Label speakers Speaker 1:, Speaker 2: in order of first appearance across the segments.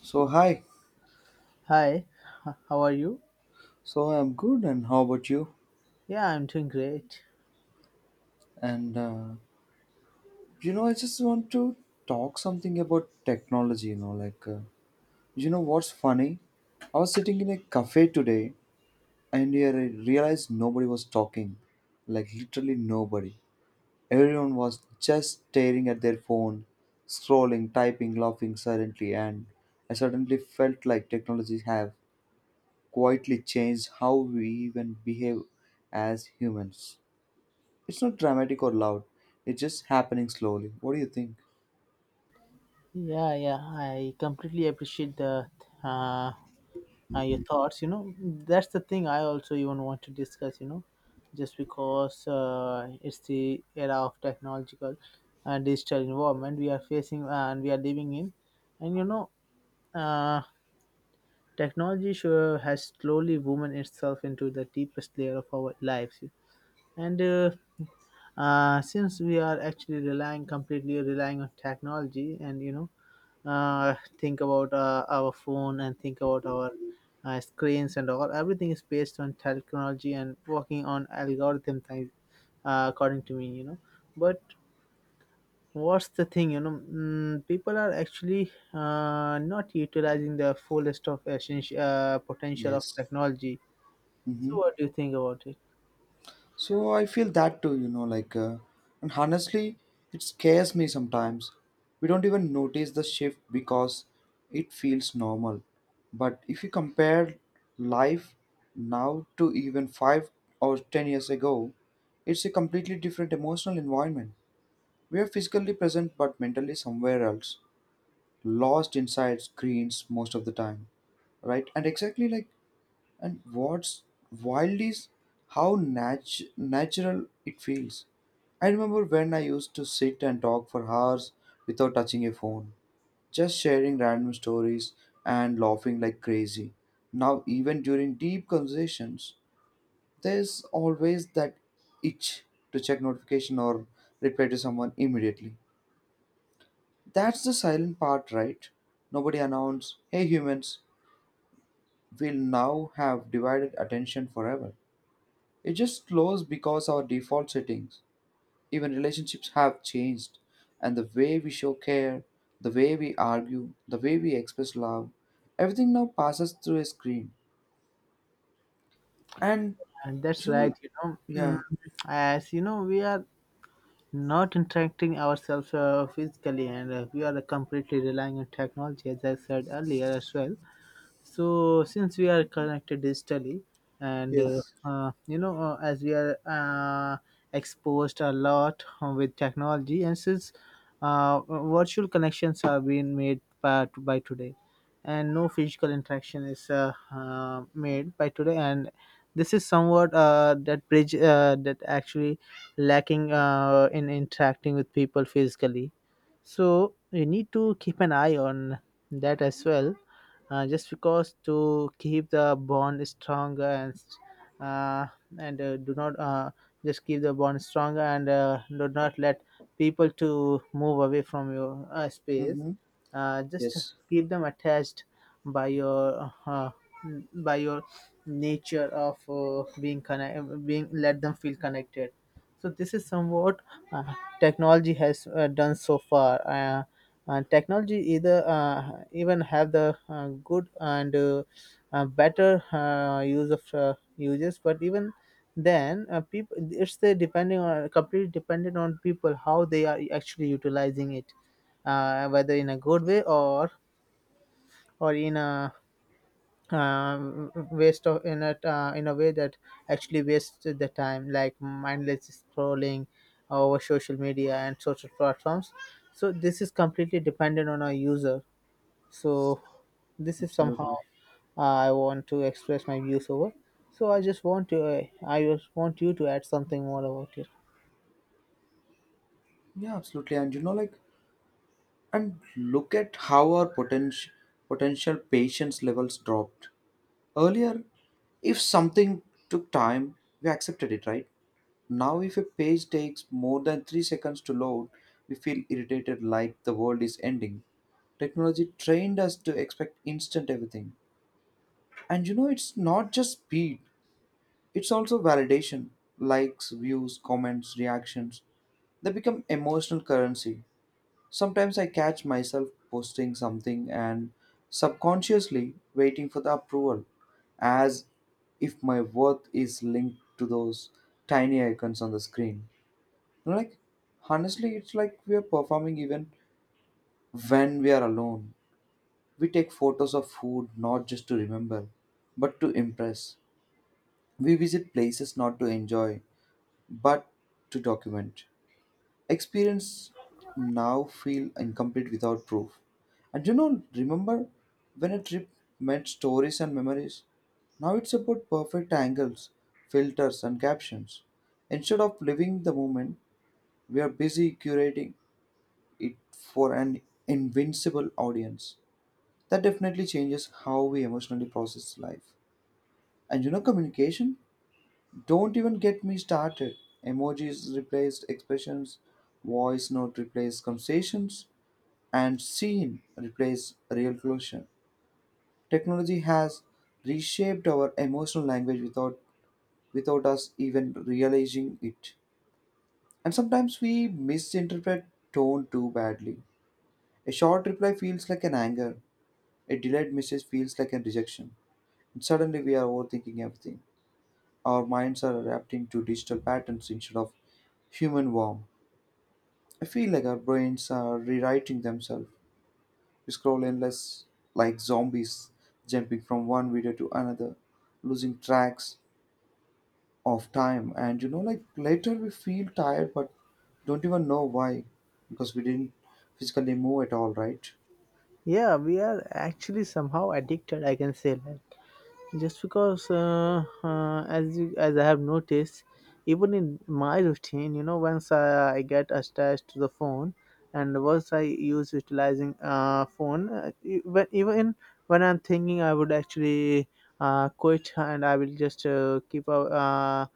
Speaker 1: So hi.
Speaker 2: Hi, how are you?
Speaker 1: So I'm good, and how about you?
Speaker 2: Yeah, I'm doing great.
Speaker 1: And you know, I just want to talk something about technology. You know what's funny? I was sitting in a cafe today, and here I realized nobody was talking, like literally nobody. Everyone was just staring at their phone, scrolling, typing, laughing silently, and I suddenly felt like technology have quietly changed how we even behave as humans. It's not dramatic or loud. It's just happening slowly. What do you think?
Speaker 2: Yeah, yeah, I completely appreciate the uh, your thoughts. You know, that's the thing I also even want to discuss. You know, just because it's the era of technological and digital environment we are facing and we are living in, and you know, uh, technology sure has slowly woven itself into the deepest layer of our lives, and since we are actually relying completely relying on technology, and you know, uh, think about our phone and think about our screens and all, everything is based on technology and working on algorithm things, according to me, you know. But what's the thing, you know, people are actually not utilizing the fullest of essential potential of
Speaker 1: Yes.
Speaker 2: technology.
Speaker 1: Mm-hmm.
Speaker 2: So, what do you think about it?
Speaker 1: So I feel that too, and honestly, it scares me sometimes. We don't even notice the shift because it feels normal. But if you compare life now to even 5 or 10 years ago, it's a completely different emotional environment. We are physically present but mentally somewhere else, lost inside screens most of the time. Right, and exactly, like, and what's wild is how natural it feels. I remember when I used to sit and talk for hours without touching a phone, just sharing random stories and laughing like crazy. Now, even during deep conversations, there's always that itch to check notification or reply to someone immediately. That's the silent part, right? Nobody announced, hey, humans will now have divided attention forever. It just slows because our default settings, even relationships, have changed. And the way we show care, the way we argue, the way we express love, everything now passes through a screen. And,
Speaker 2: And that's
Speaker 1: you
Speaker 2: right,
Speaker 1: know,
Speaker 2: you know,
Speaker 1: yeah,
Speaker 2: as you know, we are not interacting ourselves physically, and we are completely relying on technology as I said earlier as well. So since we are connected digitally, and
Speaker 1: yes.
Speaker 2: you know, as we are exposed a lot with technology, and since virtual connections are being made by today, and no physical interaction is made by today, and this is somewhat that bridge that actually lacking in interacting with people physically. So you need to keep an eye on that as well, just because to keep the bond stronger, uh, and do not just keep the bond stronger, and do not let people to move away from your space,
Speaker 1: Mm-hmm.
Speaker 2: just
Speaker 1: Yes,
Speaker 2: keep them attached by your uh, by your nature of being connect being let them feel connected. So this is somewhat uh, technology has done so far, and technology either even have the good and better uses. But even then, people, it's the depending on completely dependent on people how they are actually utilizing it, whether in a good way, or in a in a way that actually wastes the time, like mindless scrolling over social media and social platforms. So this is completely dependent on our user. So this is somehow
Speaker 1: absolutely.
Speaker 2: I want to express my views over. So I just want to I just want you to add something more about it.
Speaker 1: Yeah, absolutely. And, you know, like, and look at how our potential patience levels dropped. Earlier, if something took time, we accepted it, right? Now, if a page takes more than 3 seconds to load, we feel irritated like the world is ending. Technology trained us to expect instant everything. And you know, it's not just speed, it's also validation, likes, views, comments, reactions. They become emotional currency. Sometimes I catch myself posting something and subconsciously waiting for the approval, as if my worth is linked to those tiny icons on the screen. Like, honestly, it's like we are performing even when we are alone. We take photos of food not just to remember, but to impress. We visit places not to enjoy, but to document. Experience now feel incomplete without proof. And you know, remember when a trip meant stories and memories? Now it's about perfect angles, filters, and captions. Instead of living the moment, we are busy curating it for an invincible audience. That definitely changes how we emotionally process life. And you know, communication? Don't even get me started. Emojis replaced expressions, voice note replaced conversations, and seen replace real closure. Technology has reshaped our emotional language without us even realizing it. And sometimes we misinterpret tone too badly. A short reply feels like an anger. A delayed message feels like a rejection. And suddenly we are overthinking everything. Our minds are adapting to digital patterns instead of human warmth. I feel like our brains are rewriting themselves. We scroll endless like zombies, jumping from one video to another, losing tracks of time. And you know, like later we feel tired, but don't even know why, because we didn't physically move at all, right?
Speaker 2: Yeah, we are actually somehow addicted, I can say, just because as I have noticed, even in my routine, you know, I get attached to the phone, and once I use utilizing phone, when even when I'm thinking I would actually quit and I will just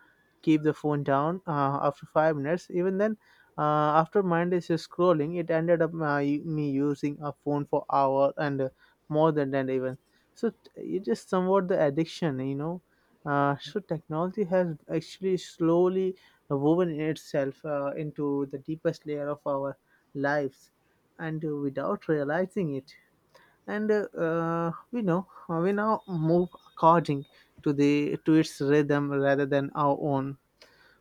Speaker 2: keep the phone down after 5 minutes. Even then, after mindless scrolling, it ended up me using a phone for hour, and more than that even. So it is somewhat the addiction, you know. So technology has actually slowly woven itself into the deepest layer of our lives, and without realizing it. And we know, we now move according to its rhythm rather than our own.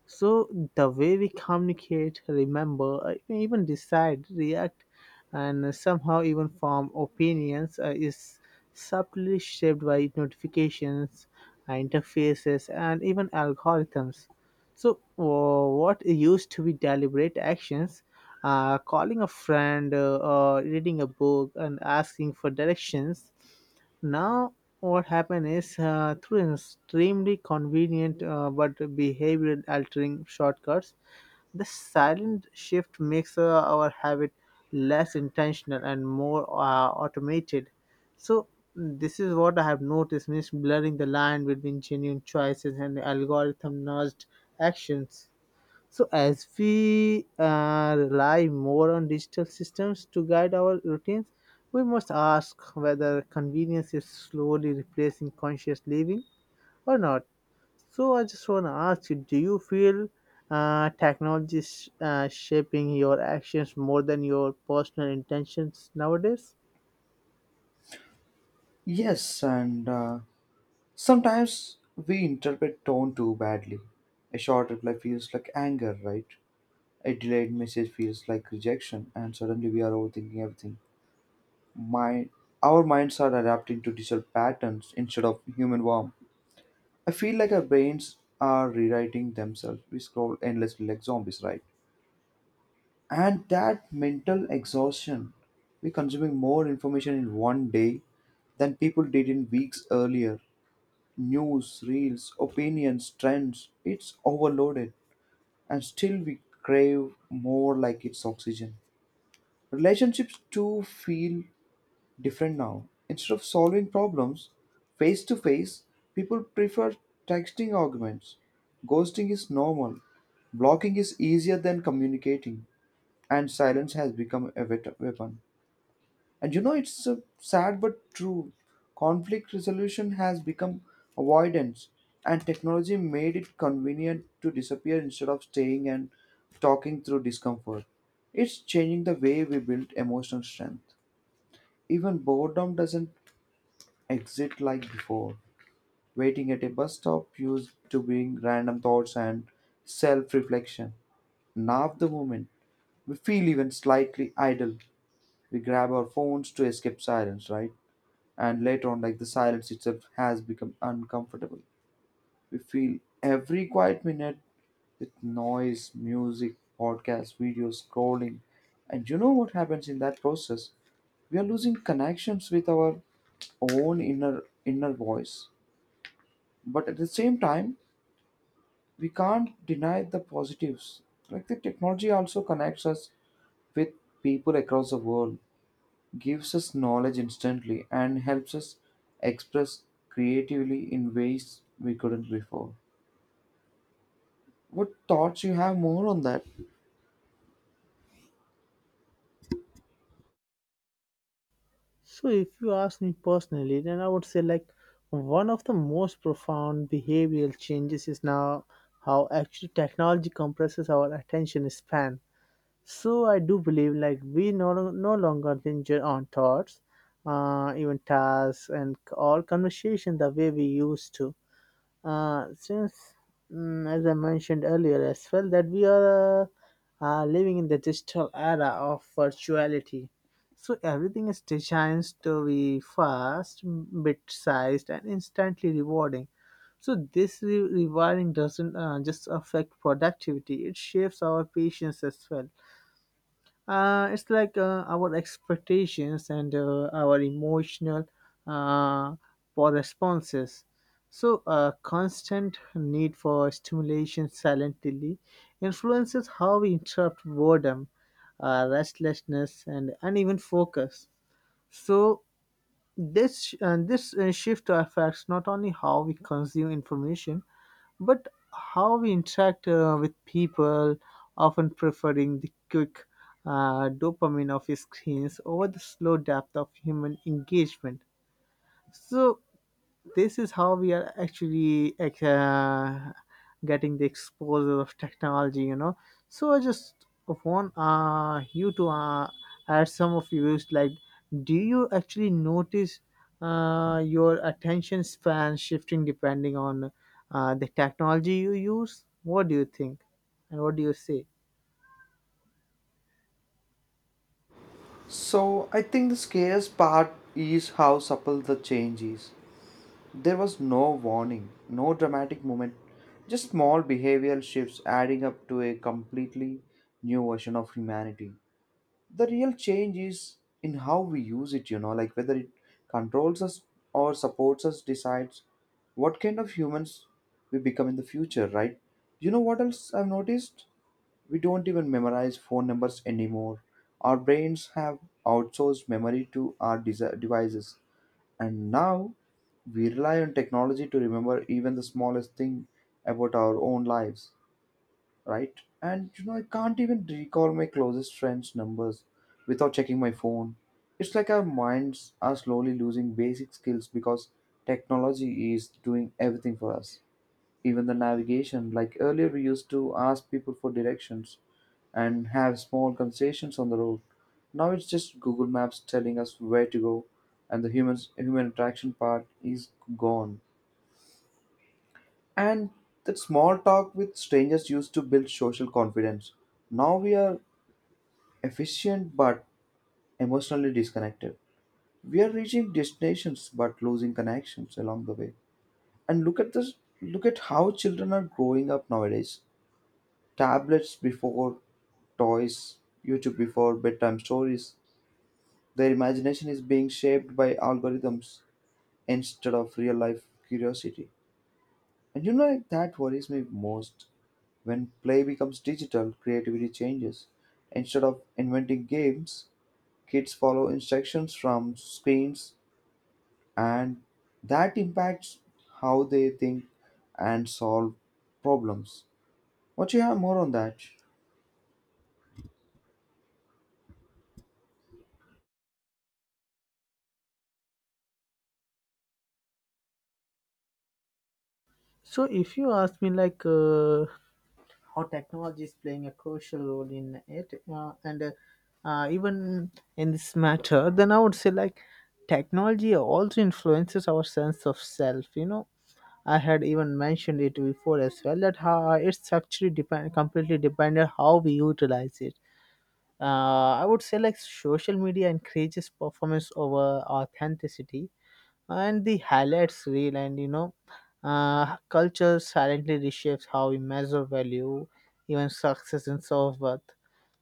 Speaker 2: So the way we communicate, remember, even decide, react, and somehow even form opinions is subtly shaped by notifications, interfaces, and even algorithms. So what used to be deliberate actions, calling a friend, or reading a book, and asking for directions, now what happened is through an extremely convenient but behavior altering shortcuts, the silent shift makes our habit less intentional and more automated. So, this is what I have noticed, means blurring the line between genuine choices and algorithm nudged actions. So, as we rely more on digital systems to guide our routines, we must ask whether convenience is slowly replacing conscious living or not. So, I just want to ask you, do you feel technology is shaping your actions more than your personal intentions nowadays?
Speaker 1: Yes, and sometimes we interpret tone too badly. A short reply feels like anger, right? A delayed message feels like rejection, and suddenly we are overthinking everything. Mind, our minds are adapting to digital patterns instead of human warmth. I feel like our brains are rewriting themselves. We scroll endlessly like zombies, right? And that mental exhaustion, we're consuming more information in one day than people did in weeks earlier. News, reels, opinions, trends, it's overloaded. And still we crave more like it's oxygen. Relationships too feel different now. Instead of solving problems face to face, people prefer texting arguments. Ghosting is normal. Blocking is easier than communicating, and silence has become a weapon. And you know, it's sad but true. Conflict resolution has become avoidance, and technology made it convenient to disappear instead of staying and talking through discomfort. It's changing the way we build emotional strength. Even boredom doesn't exit like before. Waiting at a bus stop used to bring random thoughts and self reflection. Now, the moment we feel even slightly idle, we grab our phones to escape silence, right? And later on, like the silence itself has become uncomfortable. We feel every quiet minute with noise, music, podcasts, videos, scrolling. And you know what happens in that process? We are losing connections with our own inner voice. But at the same time, we can't deny the positives. Like the technology also connects us with people across the world, gives us knowledge instantly, and helps us express creatively in ways we couldn't before. What thoughts you have more on that?
Speaker 2: So, if you ask me personally, then I would say like one of the most profound behavioral changes is now how actually technology compresses our attention span. So, I do believe like we no, no longer linger on thoughts, even tasks, and all conversation the way we used to. Since, as I mentioned earlier as well, that we are living in the digital era of virtuality. So everything is designed to be fast, bit-sized, and instantly rewarding. So this rewarding doesn't just affect productivity; it shapes our patience as well. It's like our expectations and our emotional uh, for responses. So, a constant need for stimulation silently influences how we interrupt boredom, restlessness, and uneven focus. So, this shift affects not only how we consume information but how we interact with people, often preferring the quick dopamine of screens over the slow depth of human engagement. So, this is how we are actually like, getting the exposure of technology, you know. So I just want you to add some of views like, do you actually notice your attention span shifting depending on the technology you use? What do you think? And what do you say?
Speaker 1: So I think the scariest part is how supple the change is. There was no warning, no dramatic moment, just small behavioral shifts adding up to a completely new version of humanity. The real change is in how we use it, you know, like whether it controls us or supports us decides what kind of humans we become in the future, right? You know what else I've noticed, we don't even memorize phone numbers anymore. Our brains have outsourced memory to our devices, and now we rely on technology to remember even the smallest thing about our own lives, right? And you know, I can't even recall my closest friends' numbers without checking my phone. It's like our minds are slowly losing basic skills because technology is doing everything for us. Even the navigation, like earlier, we used to ask people for directions and have small conversations on the road. Now it's just Google Maps telling us where to go, and the humans, human interaction part is gone. And that small talk with strangers used to build social confidence. Now we are efficient but emotionally disconnected. We are reaching destinations but losing connections along the way. And look at this, look at how children are growing up nowadays. Tablets before toys, YouTube before bedtime stories. Their imagination is being shaped by algorithms instead of real life curiosity. And you know that worries me most. When play becomes digital, creativity changes. Instead of inventing games, kids follow instructions from screens, and that impacts how they think and solve problems. What you have more on that?
Speaker 2: So if you ask me like how technology is playing a crucial role in it and even in this matter, then I would say like technology also influences our sense of self, you know. I had even mentioned it before as well that how it's actually depend completely dependent how we utilize it. I would say like social media encourages performance over authenticity, and the highlights reel, and you know, culture silently reshapes how we measure value, even success and self-worth.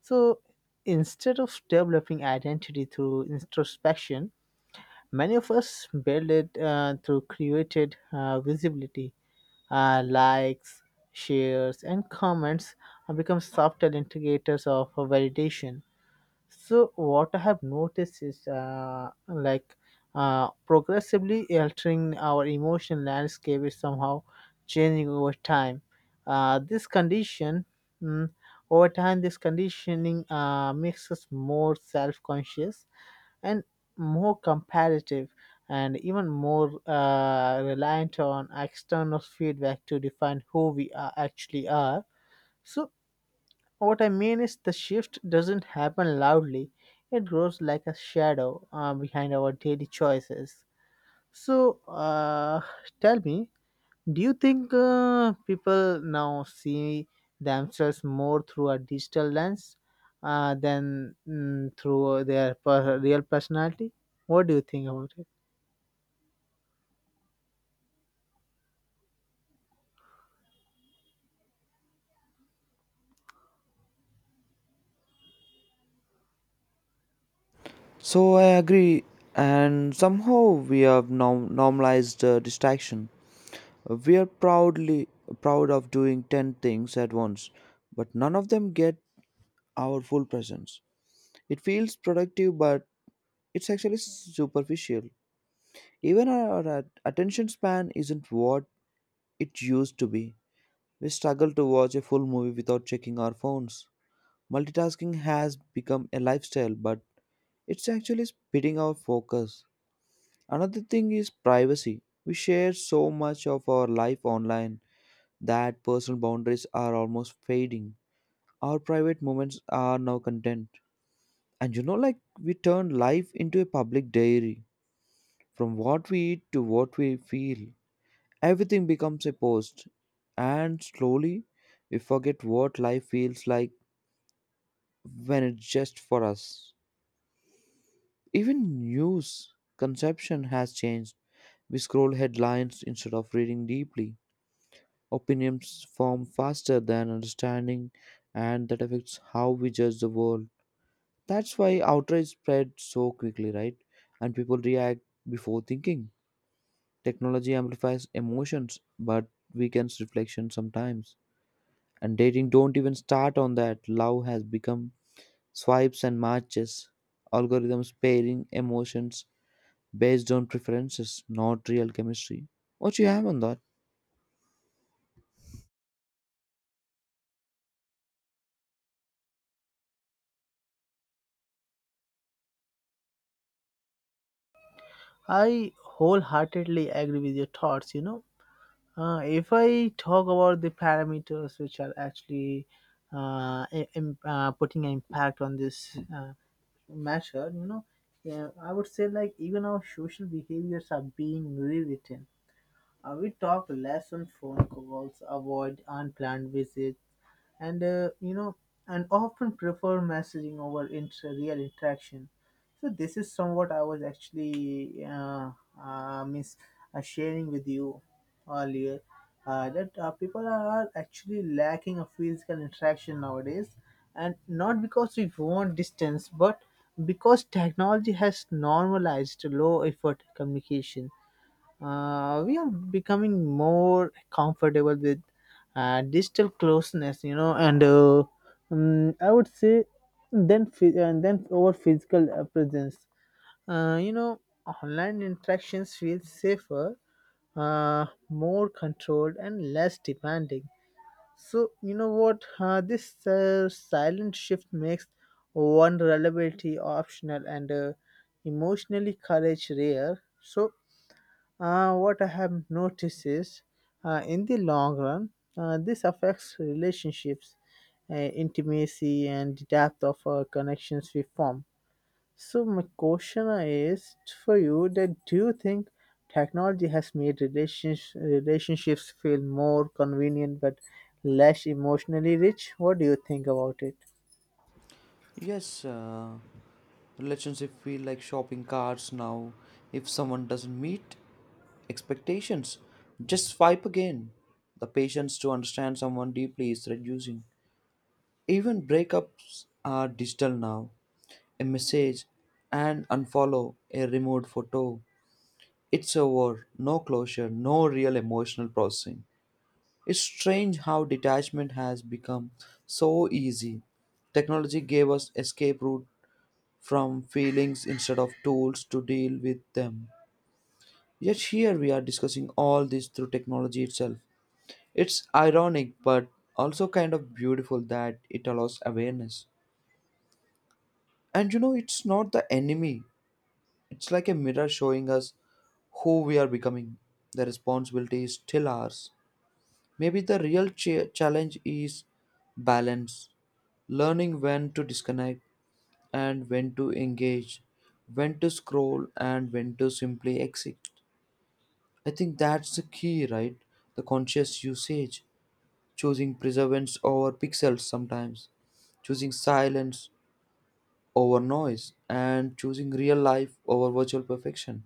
Speaker 2: So instead of developing identity through introspection, many of us build it through created visibility. Likes, shares and comments have become subtle indicators of validation. So what I have noticed is, like, progressively altering our emotional landscape is somehow changing over time. This condition, mm, over time, this conditioning makes us more self-conscious and more comparative, and even more reliant on external feedback to define who we actually are. So what I mean is, the shift doesn't happen loudly, it grows like a shadow behind our daily choices. So, tell me, do you think people now see themselves more through a digital lens than, through their real personality? What do you think about it?
Speaker 1: So I agree, and somehow we have normalized distraction. We are proud of doing 10 things at once, but none of them get our full presence. It feels productive, but it's actually superficial. Even our attention span isn't what it used to be. We struggle to watch a full movie without checking our phones. Multitasking has become a lifestyle, but it's actually splitting our focus. Another thing is privacy. We share so much of our life online that personal boundaries are almost fading. Our private moments are now content. And you know, like we turn life into a public diary. From what we eat to what we feel, everything becomes a post. And slowly, we forget what life feels like when it's just for us. Even news conception has changed. We scroll headlines instead of reading deeply. Opinions form faster than understanding, and that affects how we judge the world. That's why outrage spreads so quickly, right? And people react before thinking. Technology amplifies emotions, but weakens reflection sometimes. And dating, don't even start on that. Love has become swipes and matches, algorithms pairing emotions based on preferences, not real chemistry. What you have on that?
Speaker 2: I wholeheartedly agree with your thoughts, you know. If I talk about the parameters which are actually putting an impact on this measure, you know, yeah, I would say like even our social behaviors are being rewritten. We talk less on phone calls, avoid unplanned visits, and you know, and often prefer messaging over real interaction. So this is somewhat I was actually miss sharing with you earlier that people are actually lacking of physical interaction nowadays, and not because we want distance, but because technology has normalized low effort communication. We are becoming more comfortable with digital closeness, you know, and I would say, and then over physical presence. You know, online interactions feel safer, more controlled and less demanding. So you know what, this silent shift makes vulnerability optional, and emotionally courage rare. So what I have noticed is, in the long run, this affects relationships, intimacy, and the depth of connections we form. So, my question is for you: that do you think technology has made relationships feel more convenient but less emotionally rich? What do you think about it?
Speaker 1: Yes, relationship feel like shopping carts now. If someone doesn't meet expectations, just swipe again. The patience to understand someone deeply is reducing. Even breakups are digital now. A message and unfollow, a removed photo. It's over, no closure, no real emotional processing. It's strange how detachment has become so easy. Technology gave us escape route from feelings instead of tools to deal with them. Yet here we are discussing all this through technology itself. It's ironic but also kind of beautiful that it allows awareness. And you know, it's not the enemy, it's like a mirror showing us who we are becoming. The responsibility is still ours. Maybe the real challenge is balance, learning when to disconnect and when to engage, when to scroll and when to simply exit. I think that's the key, right? The conscious usage, choosing preservance over pixels sometimes, choosing silence over noise and choosing real life over virtual perfection.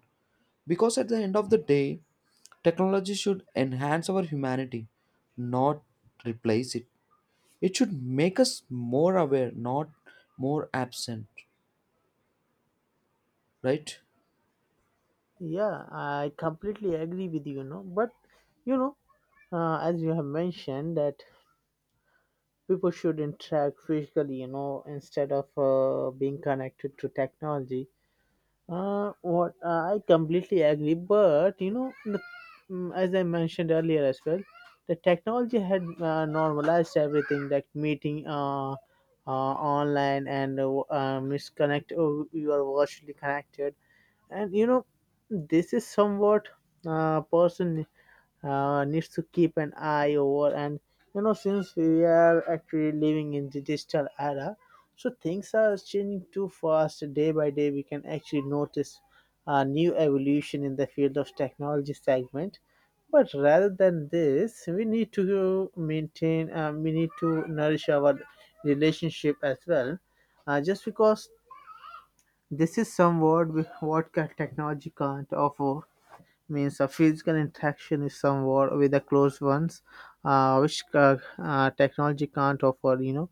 Speaker 1: Because at the end of the day, technology should enhance our humanity, not replace it. It should make us more aware, not more absent, right?
Speaker 2: Yeah, I completely agree with you, you know. But you know, as you have mentioned that people should interact physically, you know, instead of being connected to technology, what I completely agree. But you know as I mentioned earlier as well, the technology had normalized everything, like meeting online, and misconnect oh, you are virtually connected, and you know this is somewhat person needs to keep an eye over. And you know, since we are actually living in the digital era, so things are changing too fast. Day by day, we can actually notice a new evolution in the field of technology segment. But rather than this, we need to maintain, we need to nourish our relationship as well. Just because this is some what ca- technology can't offer means a physical interaction is somewhat with the close ones, which technology can't offer. You know,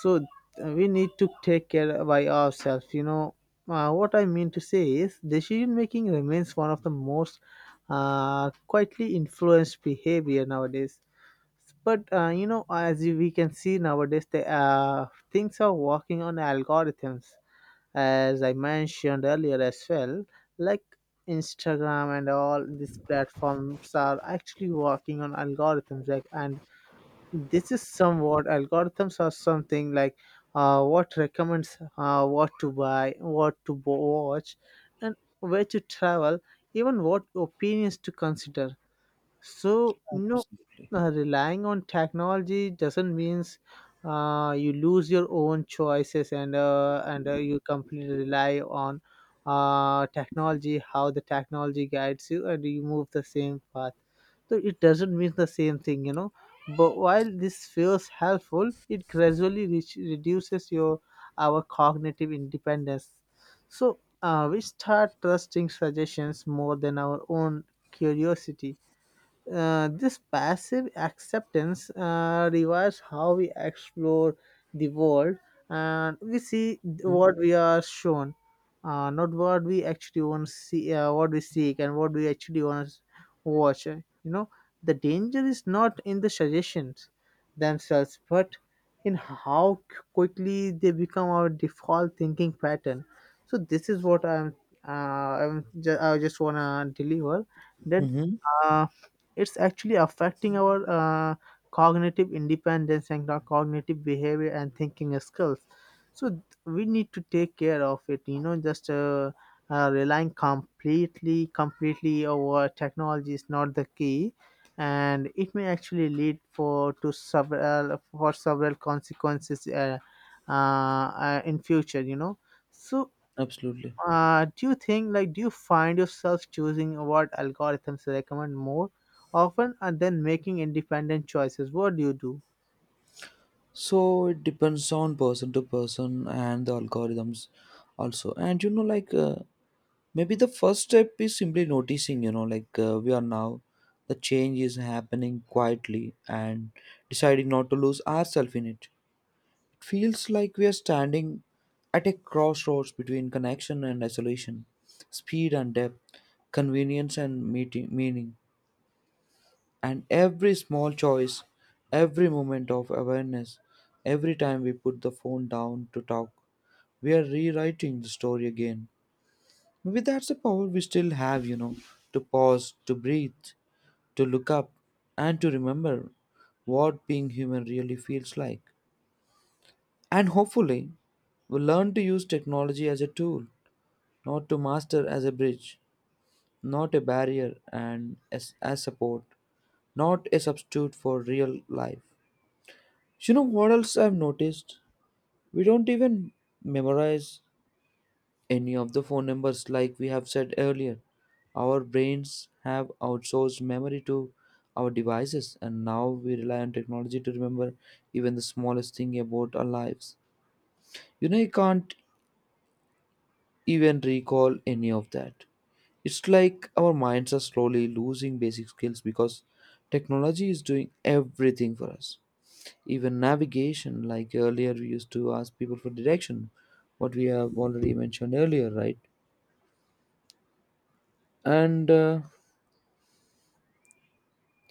Speaker 2: so uh, we need to take care by ourselves. What I mean to say is decision making remains one of the most quietly influenced behavior nowadays. But as we can see nowadays, the things are working on algorithms as I mentioned earlier as well, like Instagram and all these platforms are actually working on and this is somewhat algorithms are something like what recommends what to buy, watch, and where to travel, even what opinions to consider. So,
Speaker 1: Absolutely.
Speaker 2: relying on technology doesn't means you lose your own choices and you completely rely on technology, how the technology guides you, and you move the same path. So it doesn't mean the same thing, you know. But while this feels helpful, it gradually reduces your our cognitive independence. So we start trusting suggestions more than our own curiosity. This passive acceptance revives how we explore the world, and we see what we are shown, not what we actually want to see, what we seek, and what we actually want to watch. You know, the danger is not in the suggestions themselves, but in how quickly they become our default thinking pattern. So this is what I'm. I'm ju- I just wanna deliver that.
Speaker 1: Mm-hmm.
Speaker 2: Uh, it's actually affecting our cognitive independence and our cognitive behavior and thinking skills. We need to take care of it, you know, just relying completely over technology is not the key, and it may actually lead for several consequences in future, you know. So
Speaker 1: Absolutely.
Speaker 2: do you think, like, do you find yourself choosing what algorithms recommend more often and then making independent choices? What do you do?
Speaker 1: So it depends on person to person and the algorithms also. And you know, maybe the first step is simply noticing, you know, we are now, the change is happening quietly and deciding not to lose ourselves in it. It feels like we are standing at a crossroads between connection and isolation, speed and depth, convenience and meaning. And every small choice, every moment of awareness, every time we put the phone down to talk, we are rewriting the story again. Maybe that's the power we still have, you know, to pause, to breathe, to look up, and to remember what being human really feels like. And hopefully, we learn to use technology as a tool, not to master as a bridge, not a barrier and as support, not a substitute for real life. You know what else I've noticed? We don't even memorize any of the phone numbers like we have said earlier. Our brains have outsourced memory to our devices, and now we rely on technology to remember even the smallest thing about our lives. You know, you can't even recall any of that. It's like our minds are slowly losing basic skills because technology is doing everything for us, even navigation. Like earlier we used to ask people for direction, what we have already mentioned earlier, right? and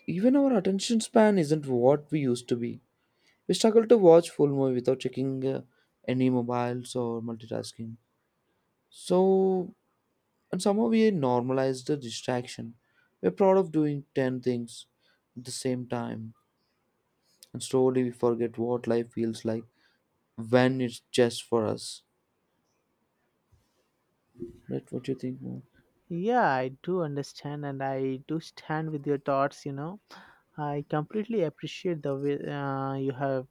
Speaker 1: Even our attention span isn't what we used to be. We struggle to watch full movie without checking any mobiles or multitasking. So, and somehow we normalize the distraction. We're proud of doing 10 things at the same time, and slowly we forget what life feels like when it's just for us. Right? What do you think more?
Speaker 2: Yeah, I do understand and I do stand with your thoughts, you know. I completely appreciate the way you have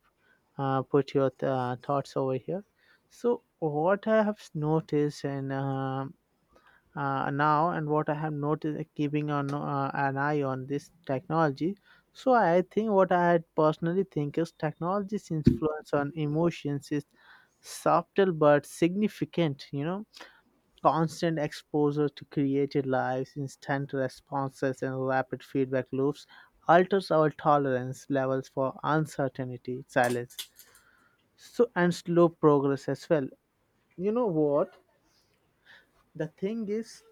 Speaker 2: put your thoughts over here. So, what I have noticed and now, and what I have noticed keeping on an eye on this technology. So I think what I had personally think is technology's influence on emotions is subtle but significant. You know, constant exposure to created lives, instant responses, and rapid feedback loops alters our tolerance levels for uncertainty, silence, so and slow progress as well. You know what? The thing is,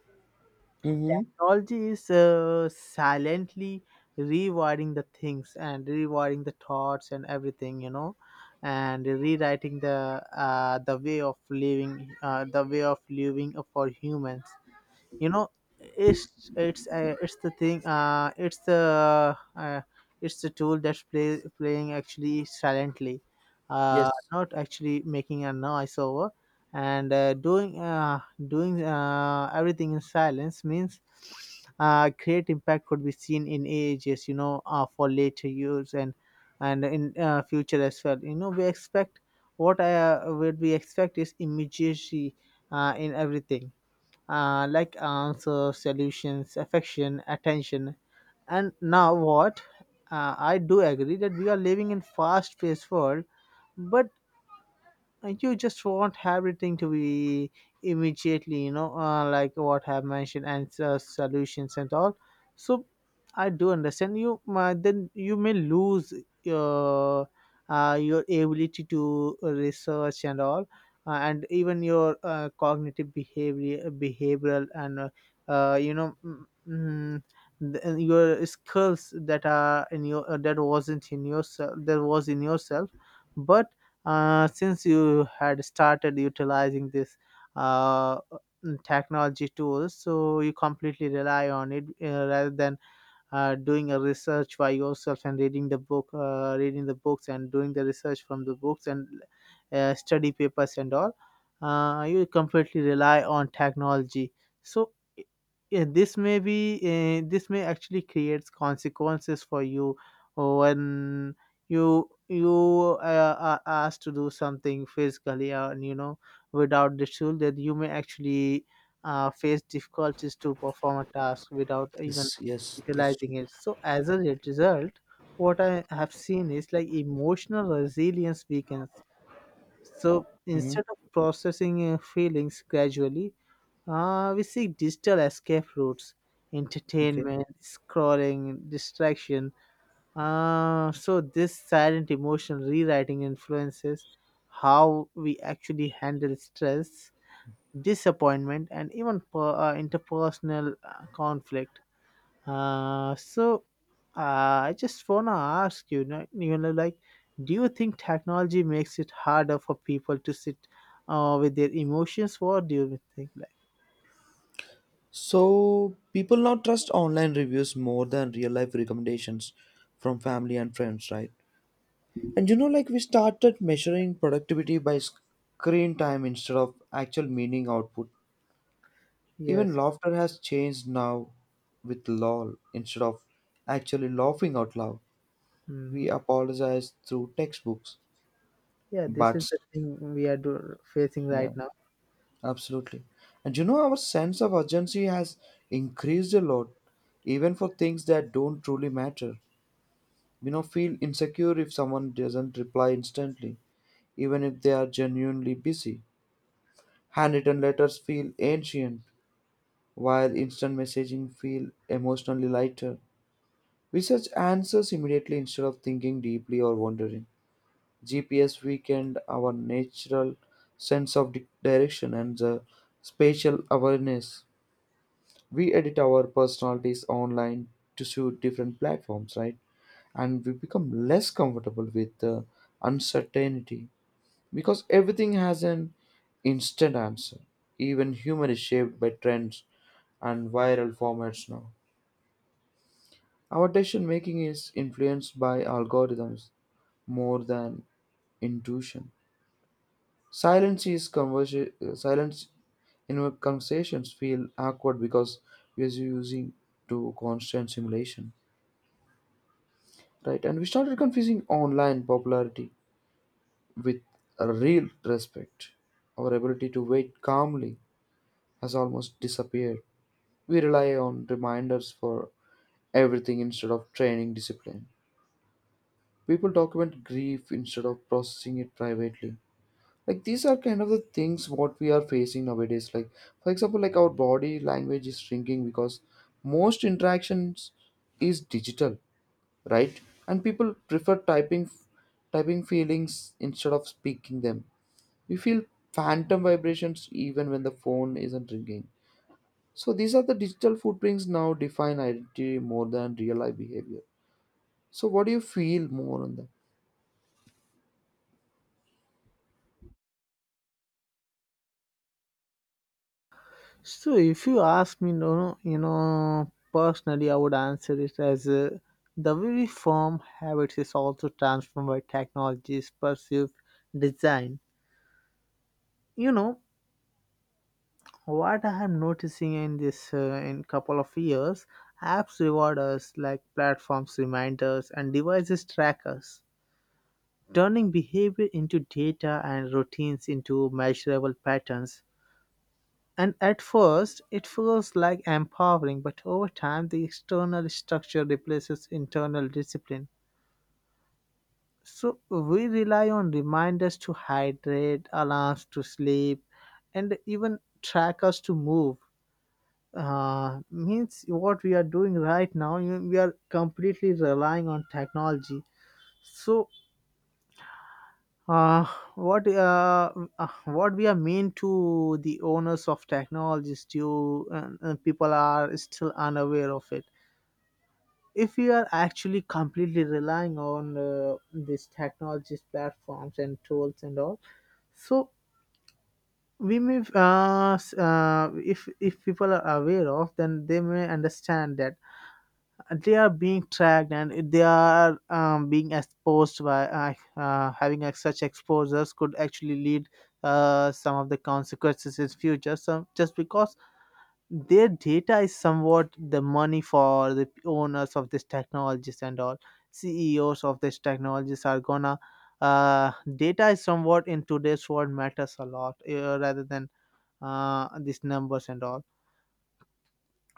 Speaker 1: Mm-hmm.
Speaker 2: technology is silently rewiring the things and rewiring the thoughts and everything, you know, and rewriting the way of living, the way of living for humans, you know. It's it's the thing it's the It's the tool that's playing actually silently,
Speaker 1: Yes.
Speaker 2: not actually making a noise over. And doing everything in silence means great impact could be seen in ages, you know, for later years and in future as well, you know. We expect what we expect is immediacy in everything, like answers, solutions, affection, attention. And now what? I do agree that we are living in fast-paced world, but you just want everything to be immediately, you know, like what I have mentioned and solutions and all. So I do understand you. Then you may lose your your ability to research and all, and even your cognitive behavior behavioral and you know the, your skills that are in your that wasn't in yourself that was in yourself. But since you had started utilizing this uh, technology tools, so you completely rely on it rather than doing a research by yourself and reading the books and doing the research from the books and study papers and all, you completely rely on technology. So i- yeah, this may be this may actually creates consequences for you when you are asked to do something physically, and you know, without the tool that you may actually face difficulties to perform a task without even
Speaker 1: Yes, yes, that's true.
Speaker 2: utilizing it. So as a result, what I have seen is like emotional resilience weakens. So
Speaker 1: Mm-hmm.
Speaker 2: instead of processing feelings gradually, we seek digital escape routes,
Speaker 1: Okay.
Speaker 2: entertainment, scrolling, distraction. So this silent emotional rewriting influences how we actually handle stress, disappointment, and even interpersonal conflict. Uh, so uh, I just wanna ask you, you know, like, do you think technology makes it harder for people to sit with their emotions? What do you think? Like,
Speaker 1: So people now trust online reviews more than real life recommendations from family and friends, right? And you know, like we started measuring productivity by screen time instead of actual meaning output. Even
Speaker 2: yes,
Speaker 1: laughter has changed now with lol instead of actually laughing out loud. We
Speaker 2: mm,
Speaker 1: apologize through textbooks,
Speaker 2: yeah, this is
Speaker 1: but
Speaker 2: the thing we are facing
Speaker 1: yeah,
Speaker 2: right now.
Speaker 1: absolutely. And you know, our sense of urgency has increased a lot, even for things that don't truly matter. You know, feel insecure if someone doesn't reply instantly, even if they are genuinely busy. Handwritten letters feel ancient while instant messaging feel emotionally lighter. We search answers immediately instead of thinking deeply or wondering. GPS weakened our natural sense of direction and the spatial awareness. We edit our personalities online to suit different platforms, right? And we become less comfortable with the uncertainty, because everything has an instant answer. Even humor is shaped by trends and viral formats now. Our decision making is influenced by algorithms more than intuition. Silence in our conversations feel awkward because we are using to constant simulation, right? And we started confusing online popularity with a real respect. Our ability to wait calmly has almost disappeared. We rely on reminders for everything instead of training discipline. People document grief instead of processing it privately. Like these are kind of the things what we are facing nowadays. Like for example, like our body language is shrinking because most interactions is digital, right? And people prefer typing feelings instead of speaking them. We feel phantom vibrations even when the phone isn't ringing. So these are the digital footprints now define identity more than real life behavior. So what do you feel more on that?
Speaker 2: So if you ask me, no, no, you know, personally, I would answer it as the way we form habits is also transformed by technology's perceived design. You know, what I am noticing in this in couple of years, apps reward us like platforms reminders and devices trackers, turning behavior into data and routines into measurable patterns. And at first, it feels like empowering, but over time, the external structure replaces internal discipline. So we rely on reminders to hydrate, alarms to sleep, and even trackers to move, means what we are doing right now. We are completely relying on technology. So uh, what uh, what we are mean to the owners of technologies to, people are still unaware of it, if we are actually completely relying on these technologies platforms and tools and all. So we may if people are aware of, then they may understand that they are being tracked, and if they are being exposed by such exposures could actually lead some of the consequences in future, so just because their data is somewhat the money for the owners of these technologies and all. CEOs of these technologies are gonna uh, data is somewhat in today's world matters a lot, rather than these numbers and all.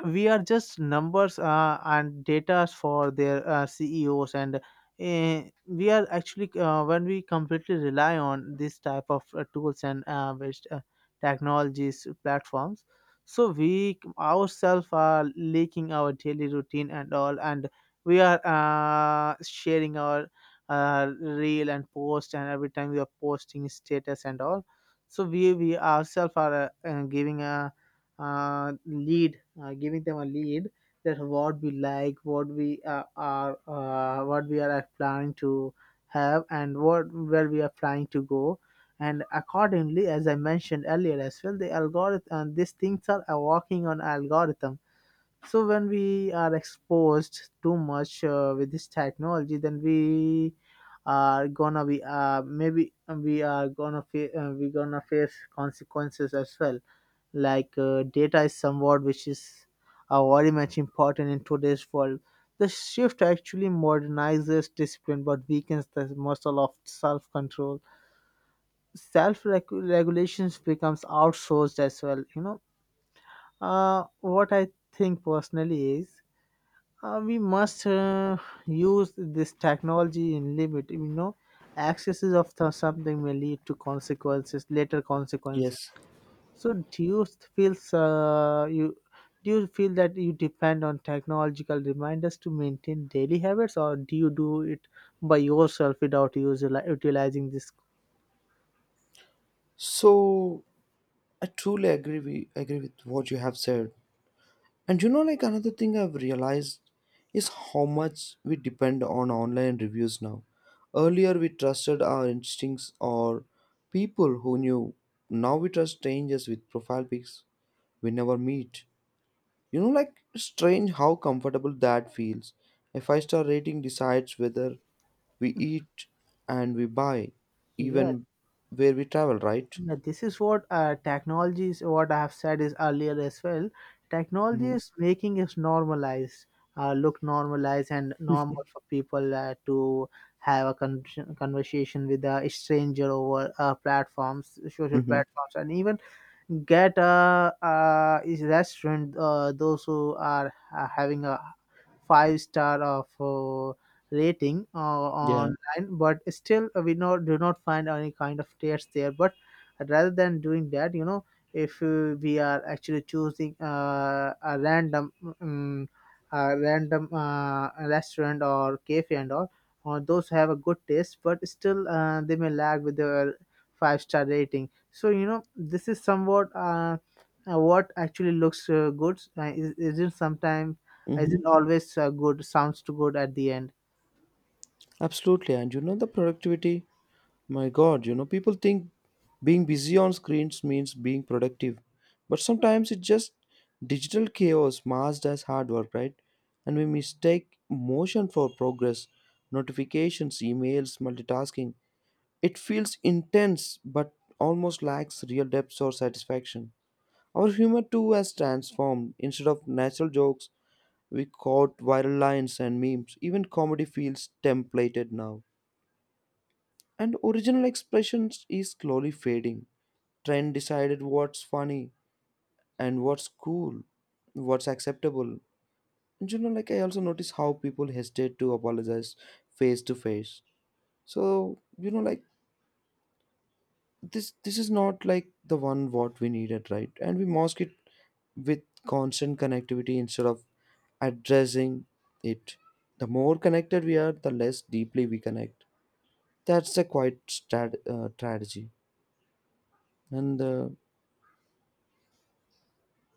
Speaker 2: We are just numbers and data for their CEOs, and we are actually when we completely rely on this type of tools and technologies platforms. So we ourselves are leaking our daily routine and all, and we are sharing our reel and post, and every time we are posting status and all. So we ourselves are giving a giving them a lead that what we like, what we what we are planning to have, and what where we are planning to go. And accordingly, as I mentioned earlier as well, the algorithm and these things are working on algorithm. So when we are exposed too much with this technology, then we are gonna be maybe we are gonna we gonna face consequences as well, like data is somewhat which is very much important in today's world. The shift actually modernizes discipline but weakens the muscle of self-control. Self-regulations becomes outsourced as well. You know, what I think personally is we must use this technology in limit. You know, excesses of something may lead to consequences, later consequences.
Speaker 1: Yes.
Speaker 2: So feels uh, you do you feel that you depend on technological reminders to maintain daily habits, or do you do it by yourself without utilizing this?
Speaker 1: So I truly agree with what you have said. And you know, like another thing I've realized is how much we depend on online reviews now. Earlier we trusted our instincts or people who knew. Now we trust strangers with profile pics we never meet. You know, like strange how comfortable that feels. A five-star rating decides whether we eat and we buy,
Speaker 2: Yeah,
Speaker 1: even where we travel, right?
Speaker 2: yeah. This is what technology is. What I have said is earlier as well. Technology
Speaker 1: Mm-hmm.
Speaker 2: is making us normalized, look normalized and normal for people to have a conversation with a stranger over platforms, social
Speaker 1: Mm-hmm.
Speaker 2: platforms, and even get a is restaurant, those who are having a five star of rating
Speaker 1: Yeah.
Speaker 2: online, but still we not do not find any kind of tears there. But rather than doing that, you know, if we are actually choosing a random um, restaurant or cafe and all, or those have a good taste, but still they may lag with their five-star rating. So you know, this is somewhat what actually looks good. Isn't sometimes
Speaker 1: Mm-hmm.
Speaker 2: isn't always good. Sounds too good at the end.
Speaker 1: Absolutely. And you know, the productivity, my God, you know, people think being busy on screens means being productive. But sometimes it's just digital chaos masked as hard work, right? And we mistake motion for progress, notifications, emails, multitasking. It feels intense but almost lacks real depth or satisfaction. Our humor too has transformed. Instead of natural jokes, we quote viral lines and memes. Even comedy feels templated now. And original expressions is slowly fading. Trend decided what's funny and what's cool, what's acceptable. And you know, like I also notice how people hesitate to apologize face to face. So, you know, like this is not like the one what we needed, right? And we mask it with constant connectivity instead of addressing it. The more connected we are, the less deeply we connect. That's a quite strategy. And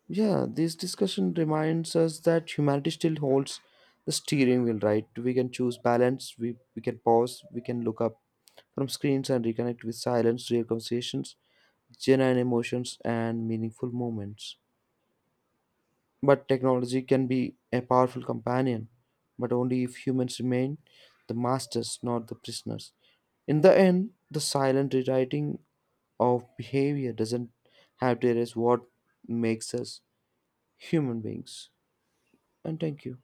Speaker 1: yeah, this discussion reminds us that humanity still holds the steering wheel, right? We can choose balance. We can pause, we can look up from screens and reconnect with silence, real conversations, genuine emotions and meaningful moments. But technology can be a powerful companion, but only if humans remain the masters, not the prisoners. In the end, the silent rewriting of behavior doesn't have to erase what makes us human beings. And thank you.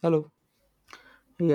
Speaker 1: Hello.
Speaker 2: Yeah.